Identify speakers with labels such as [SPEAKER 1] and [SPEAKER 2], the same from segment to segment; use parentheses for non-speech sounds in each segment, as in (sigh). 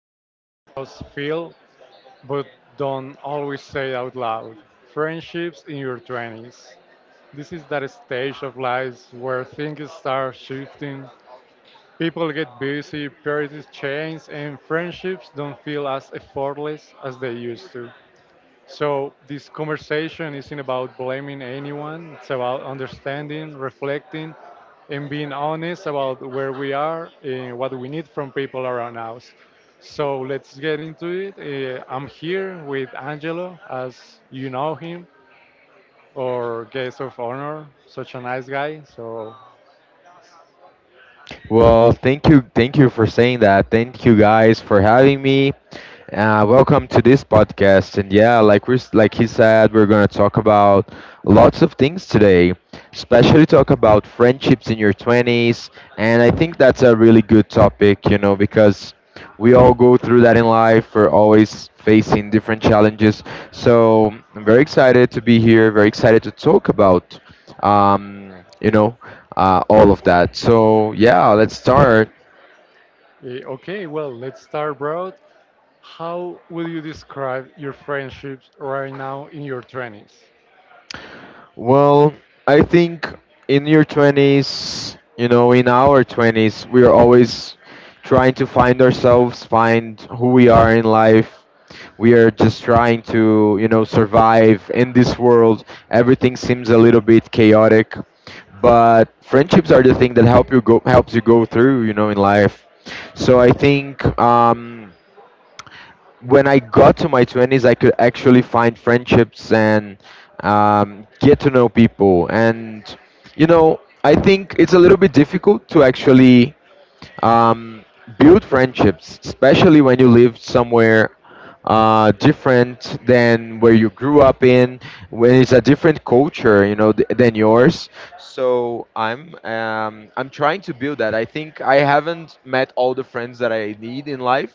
[SPEAKER 1] something a lot of us feel but don't always say out loud, friendships in your 20s. This is that stage of life where things start shifting, people get busy, priorities change, and friendships don't feel as effortless as they used to. So this conversation isn't about blaming anyone. It's about understanding, reflecting, and being honest about where we are and what we need from people around us. So let's get into it. I'm here with Angelo, as you know him, or guest of honor. Such a nice guy. So
[SPEAKER 2] Well, thank you for saying that. Thank you guys for having me. Welcome to this podcast. And yeah, like he said, we're gonna talk about lots of things today, especially talk about friendships in your twenties. And I think that's a really good topic, you know, because we all go through that in life. We're always facing different challenges. So I'm very excited to be here. Very excited to talk about, um, you know. uh, all of that. So yeah, let's start.
[SPEAKER 1] okay, well, let's start broad. How will you describe your friendships right now in your 20s?
[SPEAKER 2] Well, I think in your twenties, you know, in our twenties, we are always trying to find ourselves, find who we are in life. We are just trying to, you know, survive in this world. Everything seems a little bit chaotic, but friendships are the thing that helps you go through, you know, in life. So I think. When I got to my 20s, I could actually find friendships and get to know people. And, you know, I think it's a little bit difficult to actually um, build friendships, especially when you live somewhere different than where you grew up in, when it's a different culture, you know, than yours. So I'm trying to build that. I think I haven't met all the friends that I need in life,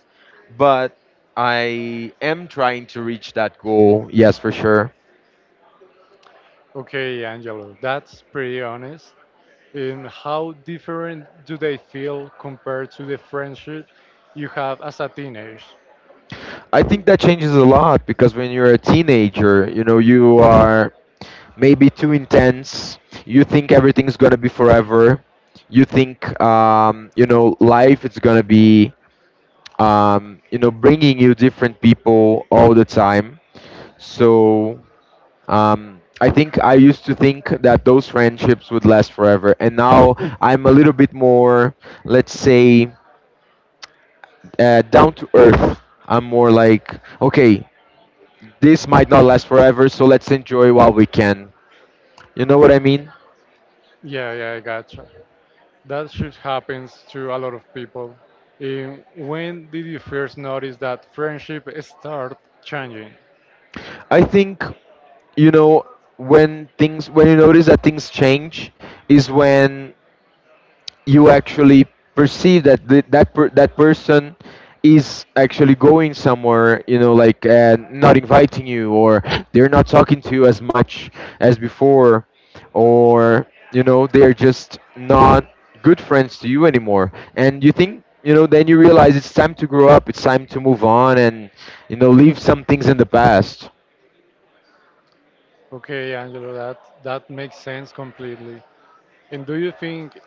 [SPEAKER 2] but I am trying to reach that goal. Yes, for sure.
[SPEAKER 1] Okay, Angelo, that's pretty honest. And how different do they feel compared to the friendship you have as a teenager?
[SPEAKER 2] I think that changes a lot because when you're a teenager, you know, you are maybe too intense. You think everything's gonna be forever. You think you know life is gonna be you know bringing you different people all the time. So I think I used to think that those friendships would last forever, and now I'm a little bit more, let's say, down to earth. I'm more like, okay, this might not last forever, so let's enjoy while we can. You know what I mean?
[SPEAKER 1] Yeah, yeah, I gotcha. That shift happens to a lot of people. And when did you first notice that friendship start changing?
[SPEAKER 2] I think you know when you notice that things change is when you actually perceive that that person is actually going somewhere, you know, like not inviting you, or they're not talking to you as much as before, or you know they're just not good friends to you anymore. And you think, you know, then you realize it's time to grow up, it's time to move on, and you know, leave some things in the past.
[SPEAKER 1] Okay, Angelo, that makes sense completely. And do you think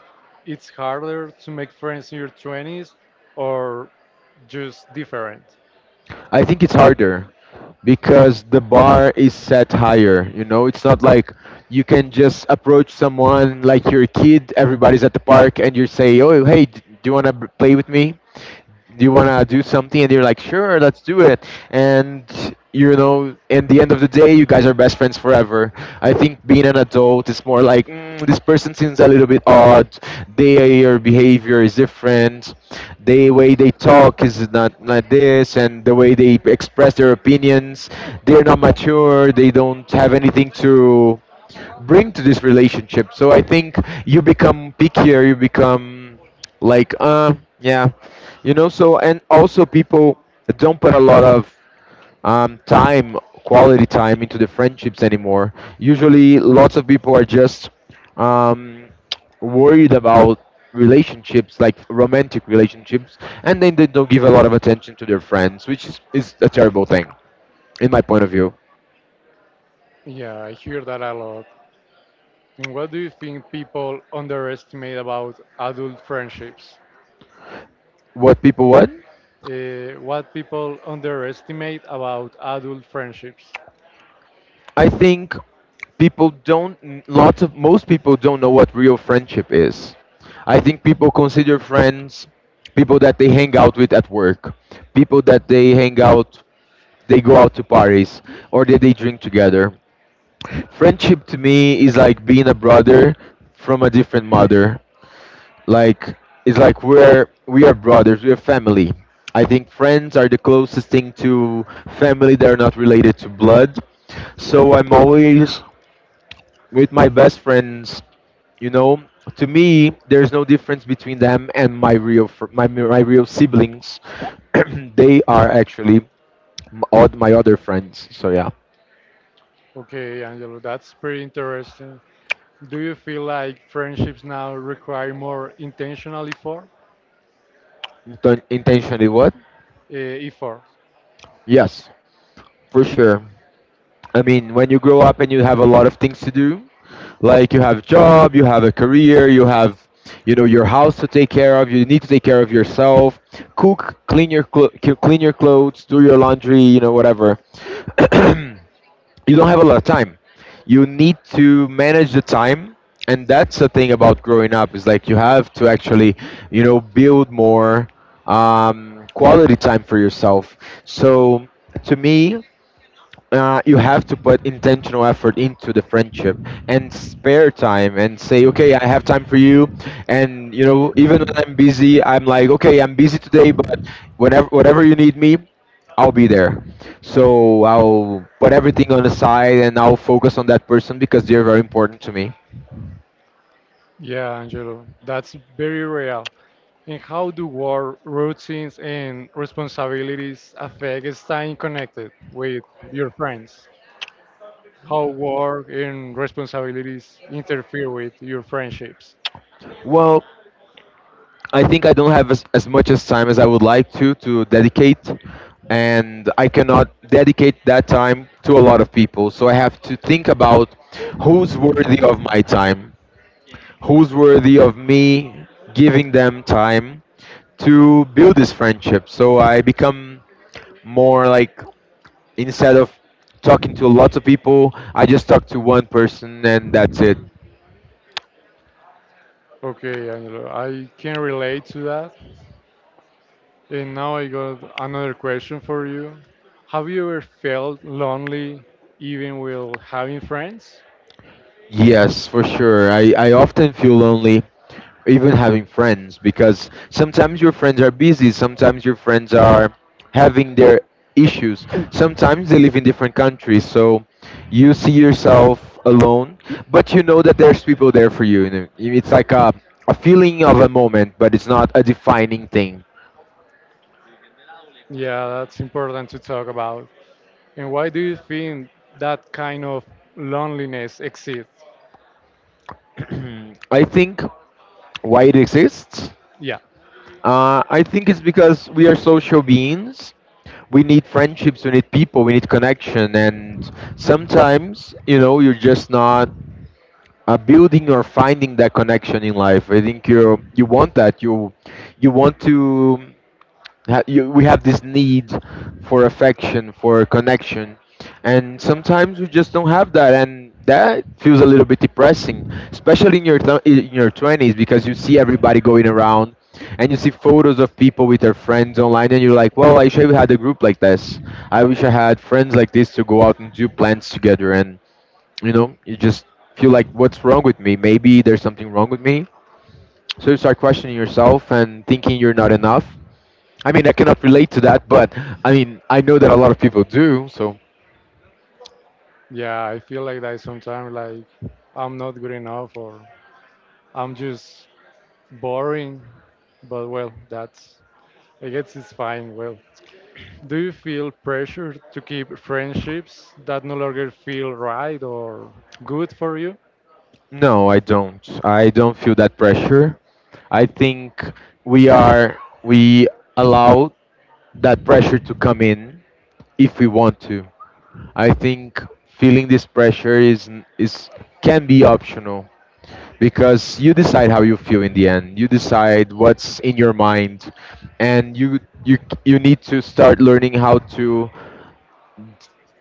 [SPEAKER 1] it's harder to make friends in your 20s, or just different?
[SPEAKER 2] I think it's harder because the bar is set higher. You know, it's not like you can just approach someone like your kid. Everybody's at the park, and you say, "Oh, hey, do you want to play with me? Do you want to do something?" And they're like, sure, let's do it. And you know, in the end of the day, you guys are best friends forever. I think being an adult is more like, mm, this person seems a little bit odd. Their behavior is different. The way they talk is not like this, and the way they express their opinions, they're not mature. They don't have anything to bring to this relationship. So I think you become pickier. You become like yeah, you know. So and also people don't put a lot of time quality time into the friendships anymore. Usually lots of people are just um worried about relationships, like romantic relationships, and then they don't give a lot of attention to their friends, is a terrible thing, in my point of view.
[SPEAKER 1] Yeah, I hear that a lot. And what do you think people underestimate about adult friendships?
[SPEAKER 2] What people want.
[SPEAKER 1] What people underestimate about adult friendships?
[SPEAKER 2] I think people don't n- lots of most people don't know what real friendship is. I think people consider friends people that they hang out with at work, people that they hang out they go out to parties, or that they drink together. Friendship to me is like being a brother from a different mother. Like it's like we are brothers, we are family. I think friends are the closest thing to family that are not related to blood. So I'm always with my best friends, you know, to me, there's no difference between them and my my real siblings. (clears throat) They are actually all my other friends. So yeah.
[SPEAKER 1] Okay, Angelo, that's pretty interesting. Do you feel like friendships now require more intentional effort?
[SPEAKER 2] Intentionally what?
[SPEAKER 1] Effort?
[SPEAKER 2] Yes, for sure. I mean, when you grow up and you have a lot of things to do, like you have job, you have a career, you have you know your house to take care of, you need to take care of yourself, cook, clean your clothes, do your laundry, you know, whatever. (clears throat) You don't have a lot of time. You need to manage the time, and that's the thing about growing up, is like you have to actually, you know, build more quality time for yourself. So to me, you have to put intentional effort into the friendship and spare time and say, okay, I have time for you. And you know, even when I'm busy, I'm like, okay, I'm busy today, but whenever whatever you need me, I'll be there. So I'll put everything on the side and I'll focus on that person because they're very important to me.
[SPEAKER 1] Yeah, Angelo, that's very real. And how do work routines and responsibilities affect staying connected with your friends? How work and responsibilities interfere with your friendships.
[SPEAKER 2] Well, I think I don't have as much as time as I would like to dedicate, and I cannot dedicate that time to a lot of people. So I have to think about who's worthy of my time, who's worthy of me giving them time to build this friendship. So I become more like, instead of talking to lots of people, I just talk to one person and that's it.
[SPEAKER 1] Okay, Angelo, I can relate to that. And now I got another question for you. Have you ever felt lonely even while having friends?
[SPEAKER 2] Yes, for sure. I often feel lonely even having friends because sometimes your friends are busy, sometimes your friends are having their issues, sometimes they live in different countries, so you see yourself alone, but you know that there's people there for you, you know. It's like a feeling of a moment, but it's not a defining thing.
[SPEAKER 1] Yeah, that's important to talk about. And why do you think that kind of loneliness exists?
[SPEAKER 2] (clears throat) I think why it exists.
[SPEAKER 1] Yeah,
[SPEAKER 2] I think it's because we are social beings. We need friendships, we need people, we need connection, and sometimes you know you're just not building or finding that connection in life. I think you want that. You want to ha- you, We have this need for affection, for connection, and sometimes we just don't have that, and that feels a little bit depressing, especially in your in your twenties, because you see everybody going around, and you see photos of people with their friends online, and you're like, well, I wish I had a group like this. I wish I had friends like this to go out and do plans together. And you know, you just feel like, what's wrong with me? Maybe there's something wrong with me. So you start questioning yourself and thinking you're not enough. I mean, I cannot relate to that, but I mean, I know that a lot of people do. So
[SPEAKER 1] yeah, I feel like that sometimes, like I'm not good enough, or I'm just boring, but well, that's, I guess it's fine. Well, do you feel pressure to keep friendships that no longer feel right or good for you?
[SPEAKER 2] no, I don't. I don't feel that pressure. I think we allow that pressure to come in if we want to. I think feeling this pressure is can be optional, because you decide how you feel in the end. You decide what's in your mind, and you need to start learning how to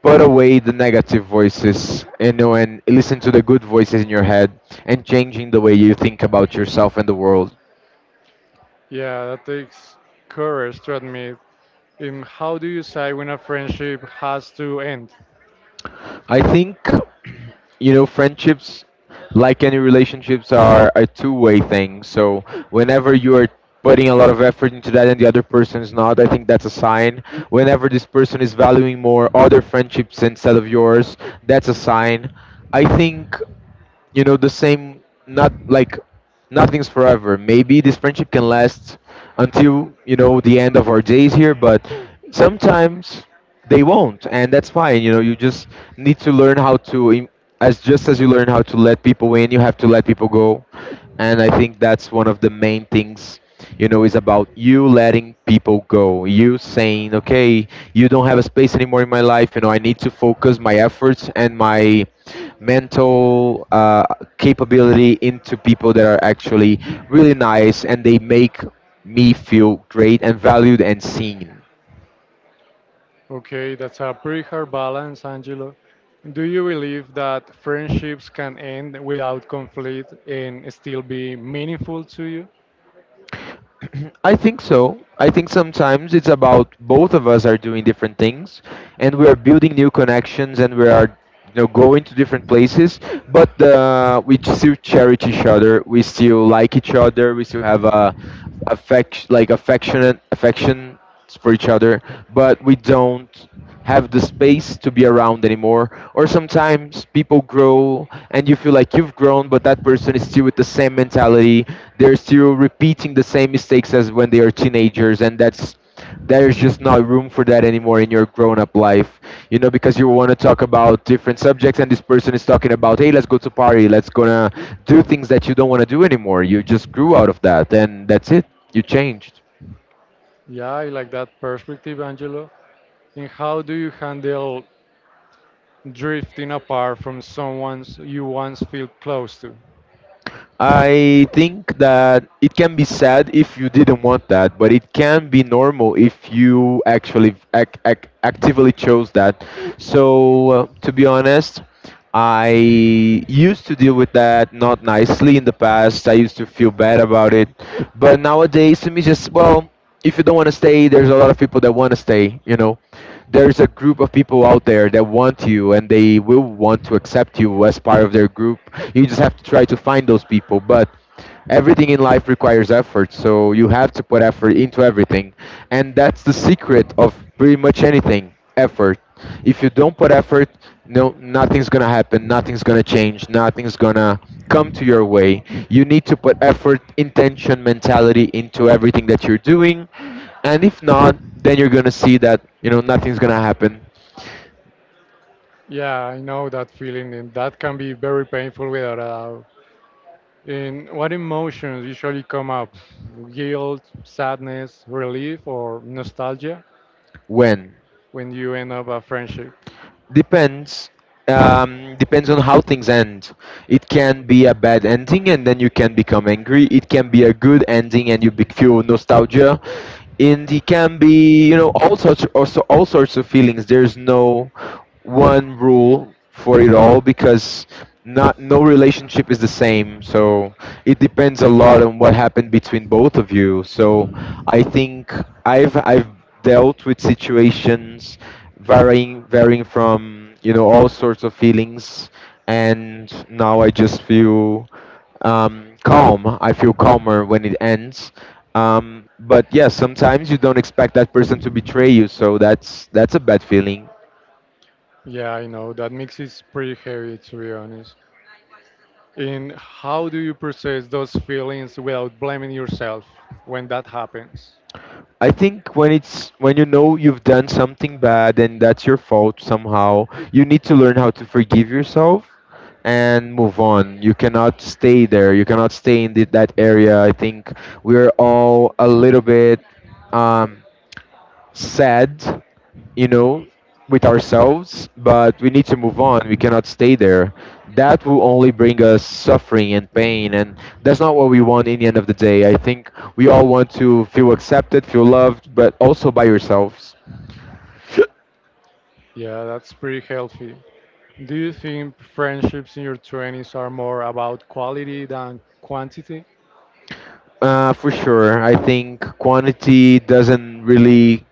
[SPEAKER 2] put away the negative voices, you know, and listen to the good voices in your head, and changing the way you think about yourself and the world.
[SPEAKER 1] Yeah, that takes courage to admit. And how do you say when a friendship has to end?
[SPEAKER 2] I think, you know, friendships, like any relationships, are a two-way thing. So whenever you are putting a lot of effort into that and the other person is not, I think that's a sign. Whenever this person is valuing more other friendships instead of yours, that's a sign. I think you know the same, not like nothing's forever. Maybe this friendship can last until, you know, the end of our days here, but sometimes they won't, and that's fine. You know, you just need to learn how to as just as you learn how to let people in, you have to let people go. And I think that's one of the main things, you know, is about you letting people go, you saying, okay, you don't have a space anymore in my life. You know, I need to focus my efforts and my mental capability into people that are actually really nice and they make me feel great and valued and seen.
[SPEAKER 1] Okay, that's a pretty hard balance, Angelo. Do you believe that friendships can end without conflict and still be meaningful to you?
[SPEAKER 2] I think so. I think sometimes it's about both of us are doing different things, and we are building new connections, and we are you know going to different places, but we still cherish each other, we still like each other, we still have a affection like affectionate affection for each other, but we don't have the space to be around anymore. Or sometimes people grow and you feel like you've grown, but that person is still with the same mentality. They're still repeating the same mistakes as when they are teenagers, and that's there's just not room for that anymore in your grown-up life. You know, because you want to talk about different subjects, and this person is talking about, hey, let's go to party, let's gonna do things that you don't want to do anymore. You just grew out of that, and that's it. You changed.
[SPEAKER 1] Yeah, I like that perspective, Angelo. And how do you handle drifting apart from someone you once felt close to?
[SPEAKER 2] I think that it can be sad if you didn't want that, but it can be normal if you actually actively chose that. So, to be honest, I used to deal with that not nicely in the past. I used to feel bad about it, but nowadays to me, just well, if you don't want to stay, there's a lot of people that want to stay. You know, there's a group of people out there that want you, and they will want to accept you as part of their group. You just have to try to find those people. But everything in life requires effort, so you have to put effort into everything, and that's the secret of pretty much anything, effort. If you don't put effort, no, nothing's gonna happen, nothing's gonna change, nothing's gonna come to your way. You need to put effort, intention, mentality into everything that you're doing, and if not, then you're gonna see that, you know, nothing's gonna happen.
[SPEAKER 1] Yeah, I know that feeling, and that can be very painful without a doubt. And what emotions usually come up? Guilt, sadness, relief, or nostalgia
[SPEAKER 2] When
[SPEAKER 1] when you end up a friendship?
[SPEAKER 2] depends, depends on how things end. It can be a bad ending and then you can become angry. It can be a good ending and you feel nostalgia. And it can be, you know, all sorts, also all sorts of feelings. There's no one rule for it all, because not no relationship is the same. So it depends a lot on what happened between both of you. So I think I've dealt with situations, varying from, you know, all sorts of feelings, and now I just feel, calm. I feel calmer when it ends. But yeah, sometimes you don't expect that person to betray you, so that's a bad feeling.
[SPEAKER 1] Yeah, I know that mix is pretty heavy, to be honest. And how do you process those feelings without blaming yourself when that happens?
[SPEAKER 2] I think when it's, when you know you've done something bad and that's your fault somehow, you need to learn how to forgive yourself and move on. You cannot stay there. You cannot stay in that area. I think we're all a little bit, um, sad, you know, with ourselves, but we need to move on. We cannot stay there. That will only bring us suffering and pain, and that's not what we want in the end of the day. I think we all want to feel accepted, feel loved, but also by yourselves.
[SPEAKER 1] Yeah, that's pretty healthy. Do you think friendships in your 20s are more about quality than quantity?
[SPEAKER 2] For sure. I think quantity doesn't really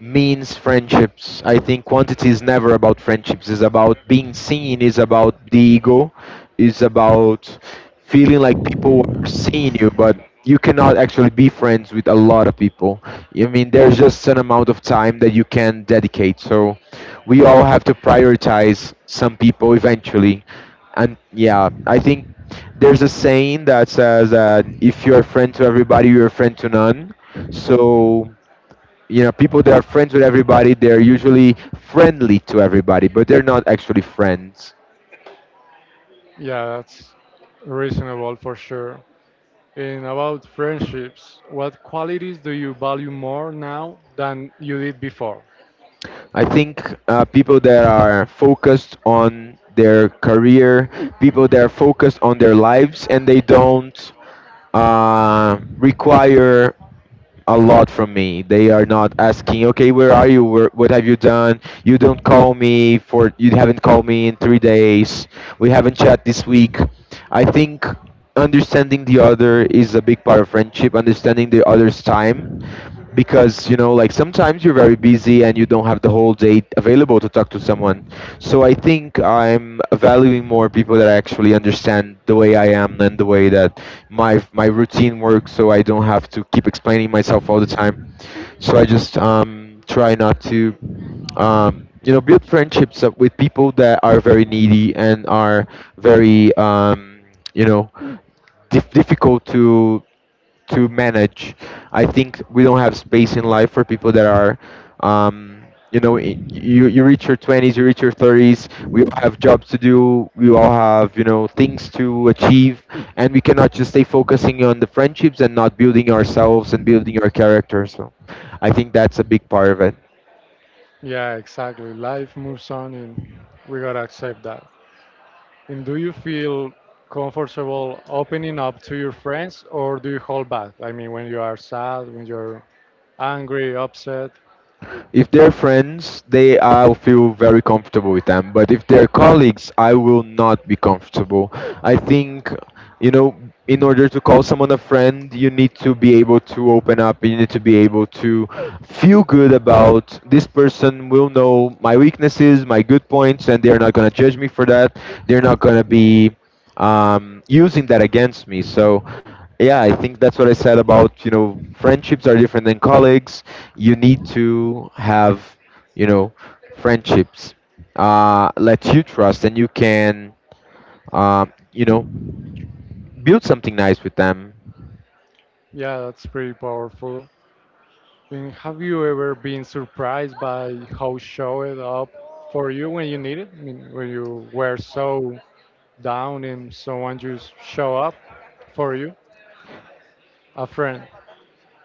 [SPEAKER 2] means friendships. I think quantity is never about friendships. It's about being seen. It's about the ego. It's about feeling like people are seeing you, but you cannot actually be friends with a lot of people. I mean, there's just an amount of time that you can dedicate. So we all have to prioritize some people eventually. And yeah, I think there's a saying that says that if you're a friend to everybody, you're a friend to none. So, you know, people that are friends with everybody, they're usually friendly to everybody but they're not actually friends.
[SPEAKER 1] Yeah, that's reasonable for sure. And about friendships, what qualities do you value more now than you did before?
[SPEAKER 2] I think people that are focused on their career, people that are focused on their lives and they don't require a lot from me. They are not asking, okay, where are you? Where, what have you done? You don't call me for, you haven't called me in 3 days. We haven't chat this week. I think understanding the other is a big part of friendship, understanding the other's time, because, you know, like sometimes you're very busy and you don't have the whole day available to talk to someone. So I think I'm valuing more people that actually understand the way I am and the way that my routine works, so I don't have to keep explaining myself all the time. So I just try not to, you know, build friendships up with people that are very needy and are very, you know, difficult to manage. I think we don't have space in life for people that are, um, you know, you reach your twenties, you reach your thirties. We all have jobs to do. We all have, you know, things to achieve, and we cannot just stay focusing on the friendships and not building ourselves and building our character. So, I think that's a big part of it.
[SPEAKER 1] Yeah, exactly. Life moves on and we gotta accept that. And do you feel comfortable opening up to your friends, or do you hold back? I mean, when you are sad, when you're angry, upset.
[SPEAKER 2] If they're friends, they I feel very comfortable with them. But if they're colleagues, I will not be comfortable. I think, you know, in order to call someone a friend, you need to be able to open up. You need to be able to feel good about this person will know my weaknesses, my good points, and they're not gonna judge me for that. They're not gonna be, using that against me. So, yeah, I think that's what I said about, you know, friendships are different than colleagues. You need to have, you know, friendships, let you trust, and you can, you know, build something nice with them.
[SPEAKER 1] Yeah, that's pretty powerful. And have you ever been surprised by how showed up for you when you need it? I mean, when you were so down and someone just show up for you? A friend,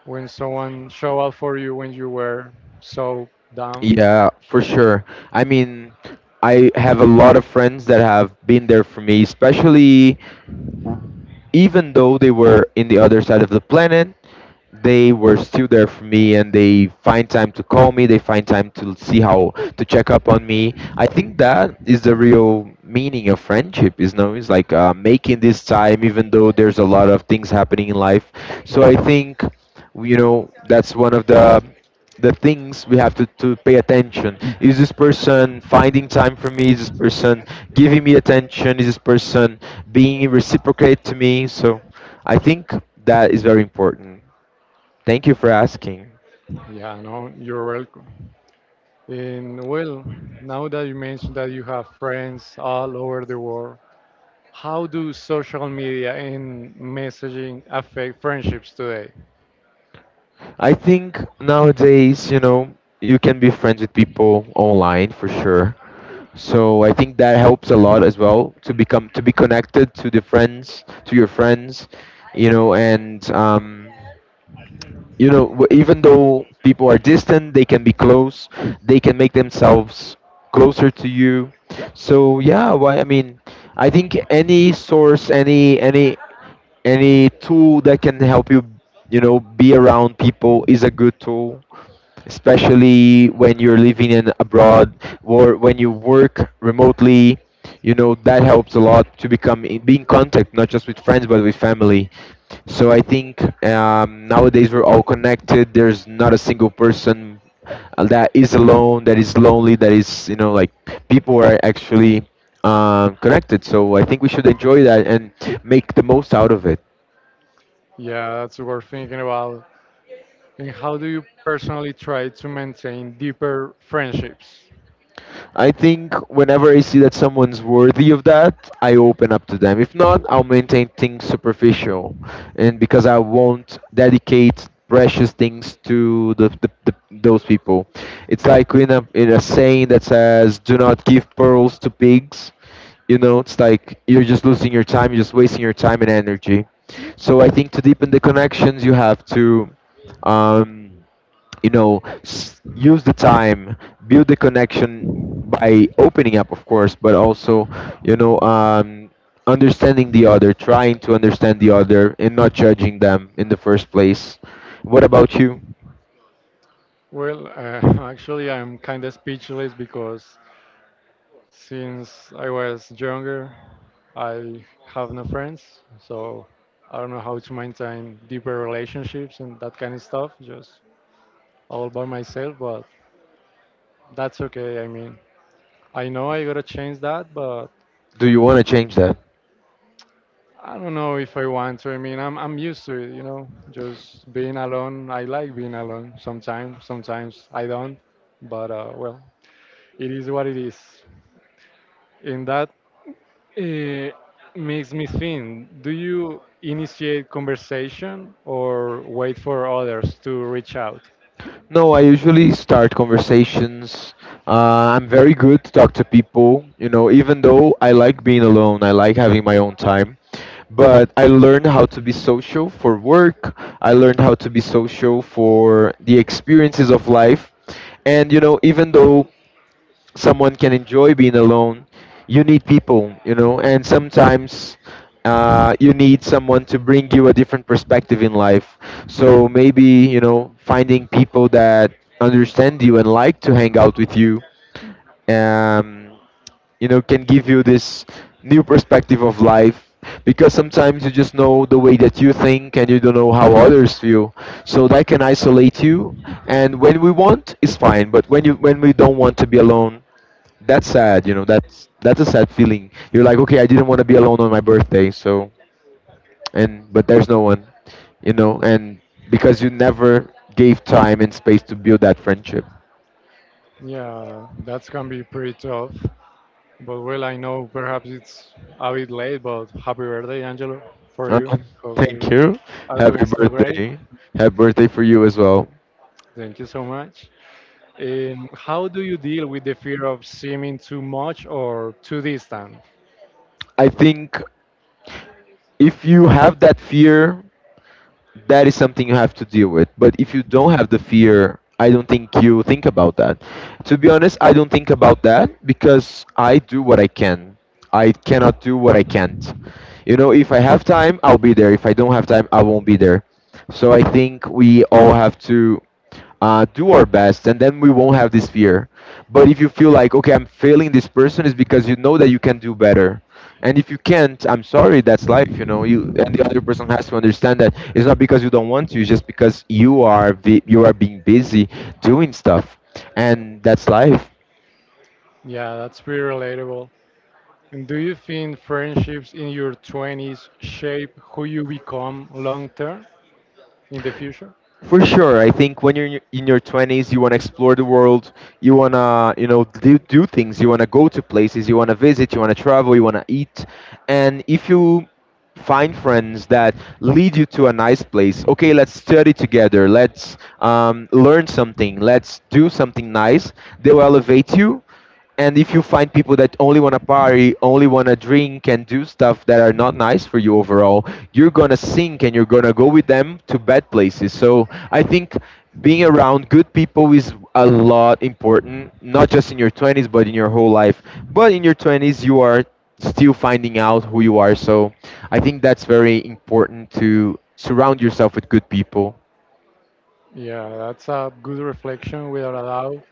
[SPEAKER 1] when someone show up for you when you were so down?
[SPEAKER 2] Yeah, for sure. I mean, I have a lot of friends that have been there for me, especially even though they were in the other side of the planet, they were still there for me and they find time to call me, they find time to see how to check up on me. I think that is the real meaning of friendship, is no, it's like making this time even though there's a lot of things happening in life. So I think, you know, that's one of the things we have to pay attention. Is this person finding time for me? Is this person giving me attention? Is this person being reciprocate to me? So I think that is very important. Thank you for asking.
[SPEAKER 1] Yeah, no, you're welcome. And well, now that you mentioned that you have friends all over the world, how do social media and messaging affect friendships today?
[SPEAKER 2] I think nowadays, you know, you can be friends with people online for sure. So I think that helps a lot as well to become to be connected to the friends, to your friends, you know, and um, you know, even though people are distant, they can be close. They can make themselves closer to you. So yeah, why, I mean, I think any source, any tool that can help you, you know, be around people is a good tool, especially when you're living in abroad or when you work remotely. You know that helps a lot to become in, be in contact not just with friends but with family. So I think, nowadays we're all connected. There's not a single person, that is alone, that is lonely, that is, you know, like people are actually, connected. So I think we should enjoy that and make the most out of it.
[SPEAKER 1] Yeah, that's worth thinking about. And how do you personally try to maintain deeper friendships?
[SPEAKER 2] I think whenever I see that someone's worthy of that, I open up to them. If not, I'll maintain things superficial, and because I won't dedicate precious things to the those people. It's like in a saying that says, "Do not give pearls to pigs." You know, it's like you're just losing your time. You're just wasting your time and energy. So I think to deepen the connections, you have to. Um, you know, use the time, build the connection by opening up, of course, but also, you know, understanding the other, trying to understand the other and not judging them in the first place. What about you?
[SPEAKER 1] Well, (laughs) actually, I'm kind of speechless because since I was younger, I have no friends, so I don't know how to maintain deeper relationships and that kind of stuff, just all by myself, but that's okay. I mean, I know I gotta change that, but
[SPEAKER 2] Do you want to change that?
[SPEAKER 1] I don't know if I want to. I mean, I'm used to it, you know, just being alone. I like being alone sometimes. Sometimes I don't, but well, it is what it is. And that uh, makes me think: do you initiate conversation or wait for others to reach out?
[SPEAKER 2] No, I usually start conversations. I'm very good to talk to people, you know, even though I like being alone, I like having my own time. But I learned how to be social for work, I learned how to be social for the experiences of life. And, you know, even though someone can enjoy being alone, you need people, you know, and sometimes, you need someone to bring you a different perspective in life. So maybe, you know, finding people that understand you and like to hang out with you, um, you know, can give you this new perspective of life, because sometimes you just know the way that you think and you don't know how others feel, so that can isolate you. And when we want, it's fine, but when you, when we don't want to be alone, that's sad. You know, that's a sad feeling. You're like, okay, I didn't want to be alone on my birthday, so, and but there's no one, you know, and because you never gave time and space to build that friendship.
[SPEAKER 1] Yeah, that's gonna be pretty tough. But well, I know perhaps it's a bit late, but happy birthday, Angelo, for
[SPEAKER 2] uh,
[SPEAKER 1] you. Hope
[SPEAKER 2] thank
[SPEAKER 1] you
[SPEAKER 2] you.
[SPEAKER 1] are
[SPEAKER 2] Happy
[SPEAKER 1] doing so great.
[SPEAKER 2] birthday. Happy birthday for you as well.
[SPEAKER 1] Thank you so much. How do you deal with the fear of seeming too much or too distant?
[SPEAKER 2] I think if you have that fear, that is something you have to deal with. But if you don't have the fear, I don't think you think about that. To be honest, I don't think about that because I do what I can. I cannot do what I can't. You know, if I have time, I'll be there. If I don't have time, I won't be there. So I think we all have to do our best, and then we won't have this fear. But if you feel like, okay, I'm failing this person, is because you know that you can do better. And if you can't, I'm sorry, that's life, you know. You and the other person has to understand that it's not because you don't want to, it's just because you are you are being busy doing stuff, and that's life.
[SPEAKER 1] Yeah, that's pretty relatable. And do you think friendships in your 20s shape who you become long term in the future?
[SPEAKER 2] For sure, I think when you're in your 20s, you want to explore the world. You want to, you know, do things. You want to go to places. You want to visit. You want to travel. You want to eat. And if you find friends that lead you to a nice place, okay, let's study together. Let's learn something. Let's do something nice. They will elevate you, and if you find people that only want to party, only want to drink and do stuff that are not nice for you overall, you're gonna sink and you're gonna go with them to bad places. So I think being around good people is a lot important, not just in your 20s, but in your whole life. But in your 20s you are still finding out who you are. So I think that's very important to surround yourself with good people.
[SPEAKER 1] Yeah, that's a good reflection without a doubt.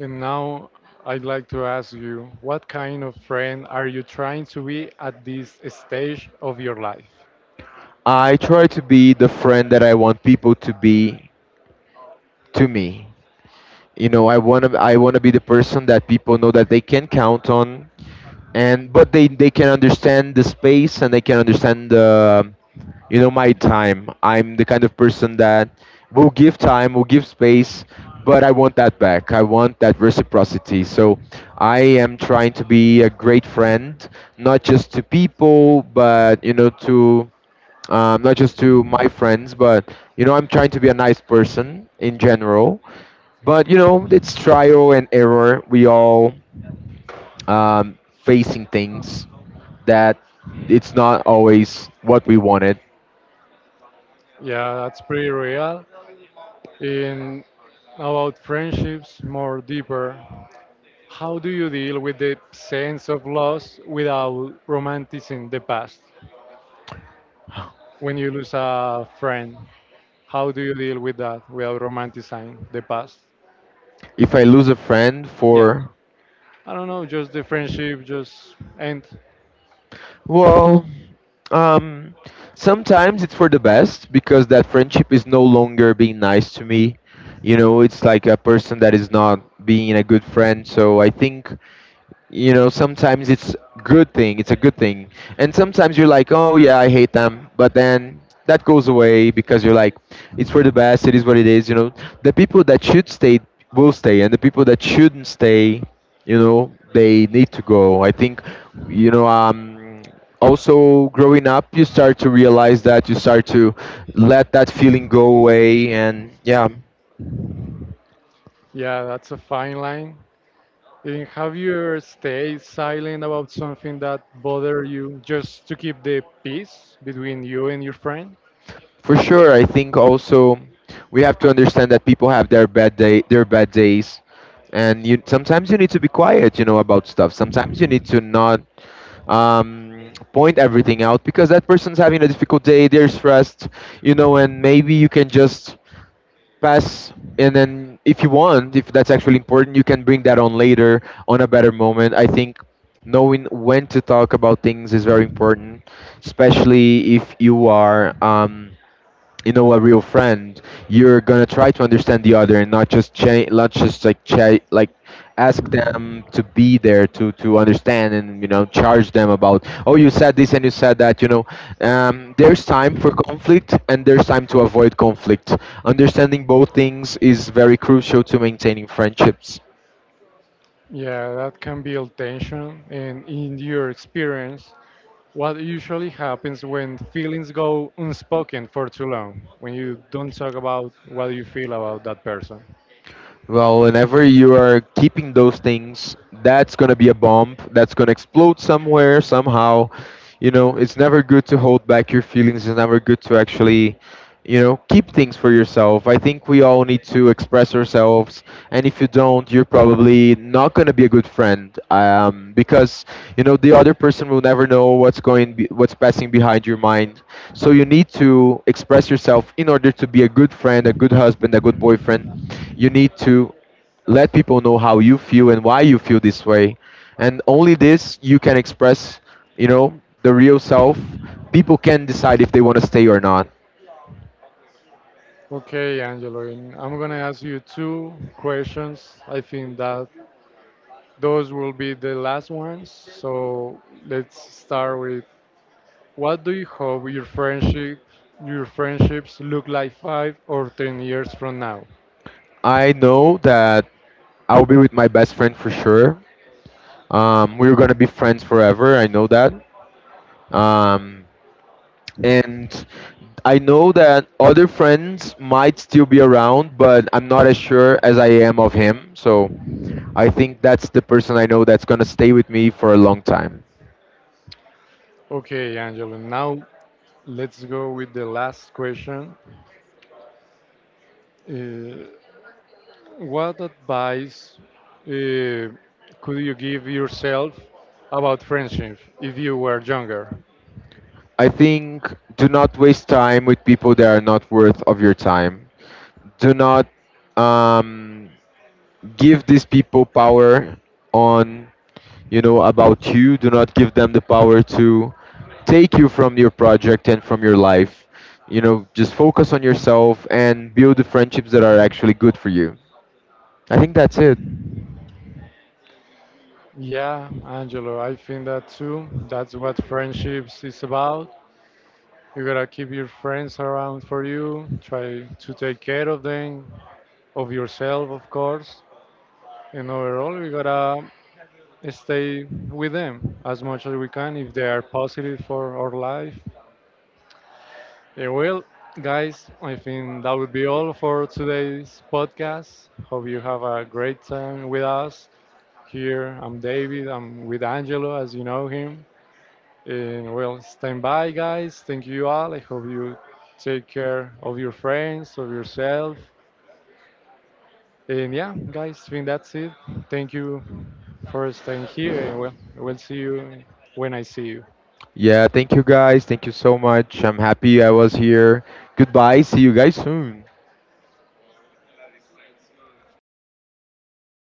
[SPEAKER 1] And now I'd like to ask you, what kind of friend are you trying to be at this stage of your life?
[SPEAKER 2] I try to be the friend that I want people to be to me. You know, I want to be the person that people know that they can count on. And but they can understand the space and they can understand the, you know, my time. I'm the kind of person that will give time, will give space, but I want that back. I want that reciprocity. So I am trying to be a great friend, not just to people, but you know, to not just to my friends, but you know, I'm trying to be a nice person in general. But you know, it's trial and error. We all facing things that it's not always what we wanted.
[SPEAKER 1] Yeah, that's pretty real. In about friendships more deeper, how do you deal with the sense of loss without romanticizing the past? When you lose a friend, how do you deal with that without romanticizing the past?
[SPEAKER 2] If I lose a friend
[SPEAKER 1] Yeah,
[SPEAKER 2] for,
[SPEAKER 1] I don't know, just the friendship just end.
[SPEAKER 2] well, um, sometimes it's for the best because that friendship is no longer being nice to me. You know, it's like a person that is not being a good friend. So I think, you know, sometimes it's a good thing. And sometimes you're like, oh yeah, I hate them, but then that goes away because you're like, it's for the best. It is what it is, you know. The people that should stay will stay, and the people that shouldn't stay, you know, they need to go. I think, you know, also growing up you start to realize that you start to let that feeling go away. And yeah.
[SPEAKER 1] Yeah, that's a fine line. And have you ever stayed silent about something that bothered you just to keep the peace between you and your friend?
[SPEAKER 2] For sure, I think also we have to understand that people have their their bad days, and you sometimes you need to be quiet, you know, about stuff. Sometimes you need to not point everything out because that person's having a difficult day. They're stressed, you know, and maybe you can just pass. And then, if you want, if that's actually important, you can bring that on later on a better moment. I think knowing when to talk about things is very important, especially if you are. You know, a real friend, you're gonna try to understand the other and not just not just like like ask them to be there, to understand, and you know, charge them about, oh, you said this and you said that, you know. There's time for conflict and there's time to avoid conflict. Understanding both things is very crucial to maintaining friendships.
[SPEAKER 1] Yeah, that can build tension. And in your experience, what usually happens when feelings go unspoken for too long, when you don't talk about what you feel about that person?
[SPEAKER 2] Well, whenever you are keeping those things, that's gonna be a bomb. That's gonna explode somewhere, somehow. You know, it's never good to hold back your feelings. It's never good to actually, you know, keep things for yourself. I think we all need to express ourselves, and if you don't, you're probably not gonna be a good friend. Because you know, the other person will never know what's going, what's passing behind your mind. So you need to express yourself in order to be a good friend, a good husband, a good boyfriend. You need to let people know how you feel and why you feel this way. And only this you can express, you know, the real self. People can decide if they want to stay or not.
[SPEAKER 1] Okay, Angelo, and I'm gonna ask you two questions. I think that those will be the last ones. So let's start with, what do you hope your friendship your friendships look like 5 or 10 years from now?
[SPEAKER 2] I know that I'll be with my best friend for sure. We're gonna be friends forever. I know that. Um, and I know that other friends might still be around, but I'm not as sure as I am of him. So I think that's the person I know that's gonna stay with me for a long time.
[SPEAKER 1] Okay, Angelo, now let's go with the last question. Uh, what advice uh, could you give yourself about friendship if you were younger?
[SPEAKER 2] I think, do not waste time with people that are not worth of your time. Do not um, give these people power on, you know, about you. Do not give them the power to take you from your project and from your life. You know, just focus on yourself and build the friendships that are actually good for you. I think that's it.
[SPEAKER 1] Yeah, Angelo, I think that too. That's what friendships is about. You gotta keep your friends around for you, try to take care of them, of yourself, of course. And overall, we gotta stay with them as much as we can if they are positive for our life. Yeah, well, guys, I think that would be all for today's podcast. Hope you have a great time with us here. I'm David. I'm with Angelo, as you know him. And well, stand by, guys. Thank you all. I hope you take care of your friends, of yourself. And yeah, guys, I think that's it. Thank you for staying here. And well, we'll see you when I see you.
[SPEAKER 2] Yeah, thank you guys, thank you so much. I'm happy I was here. Goodbye, see you guys soon.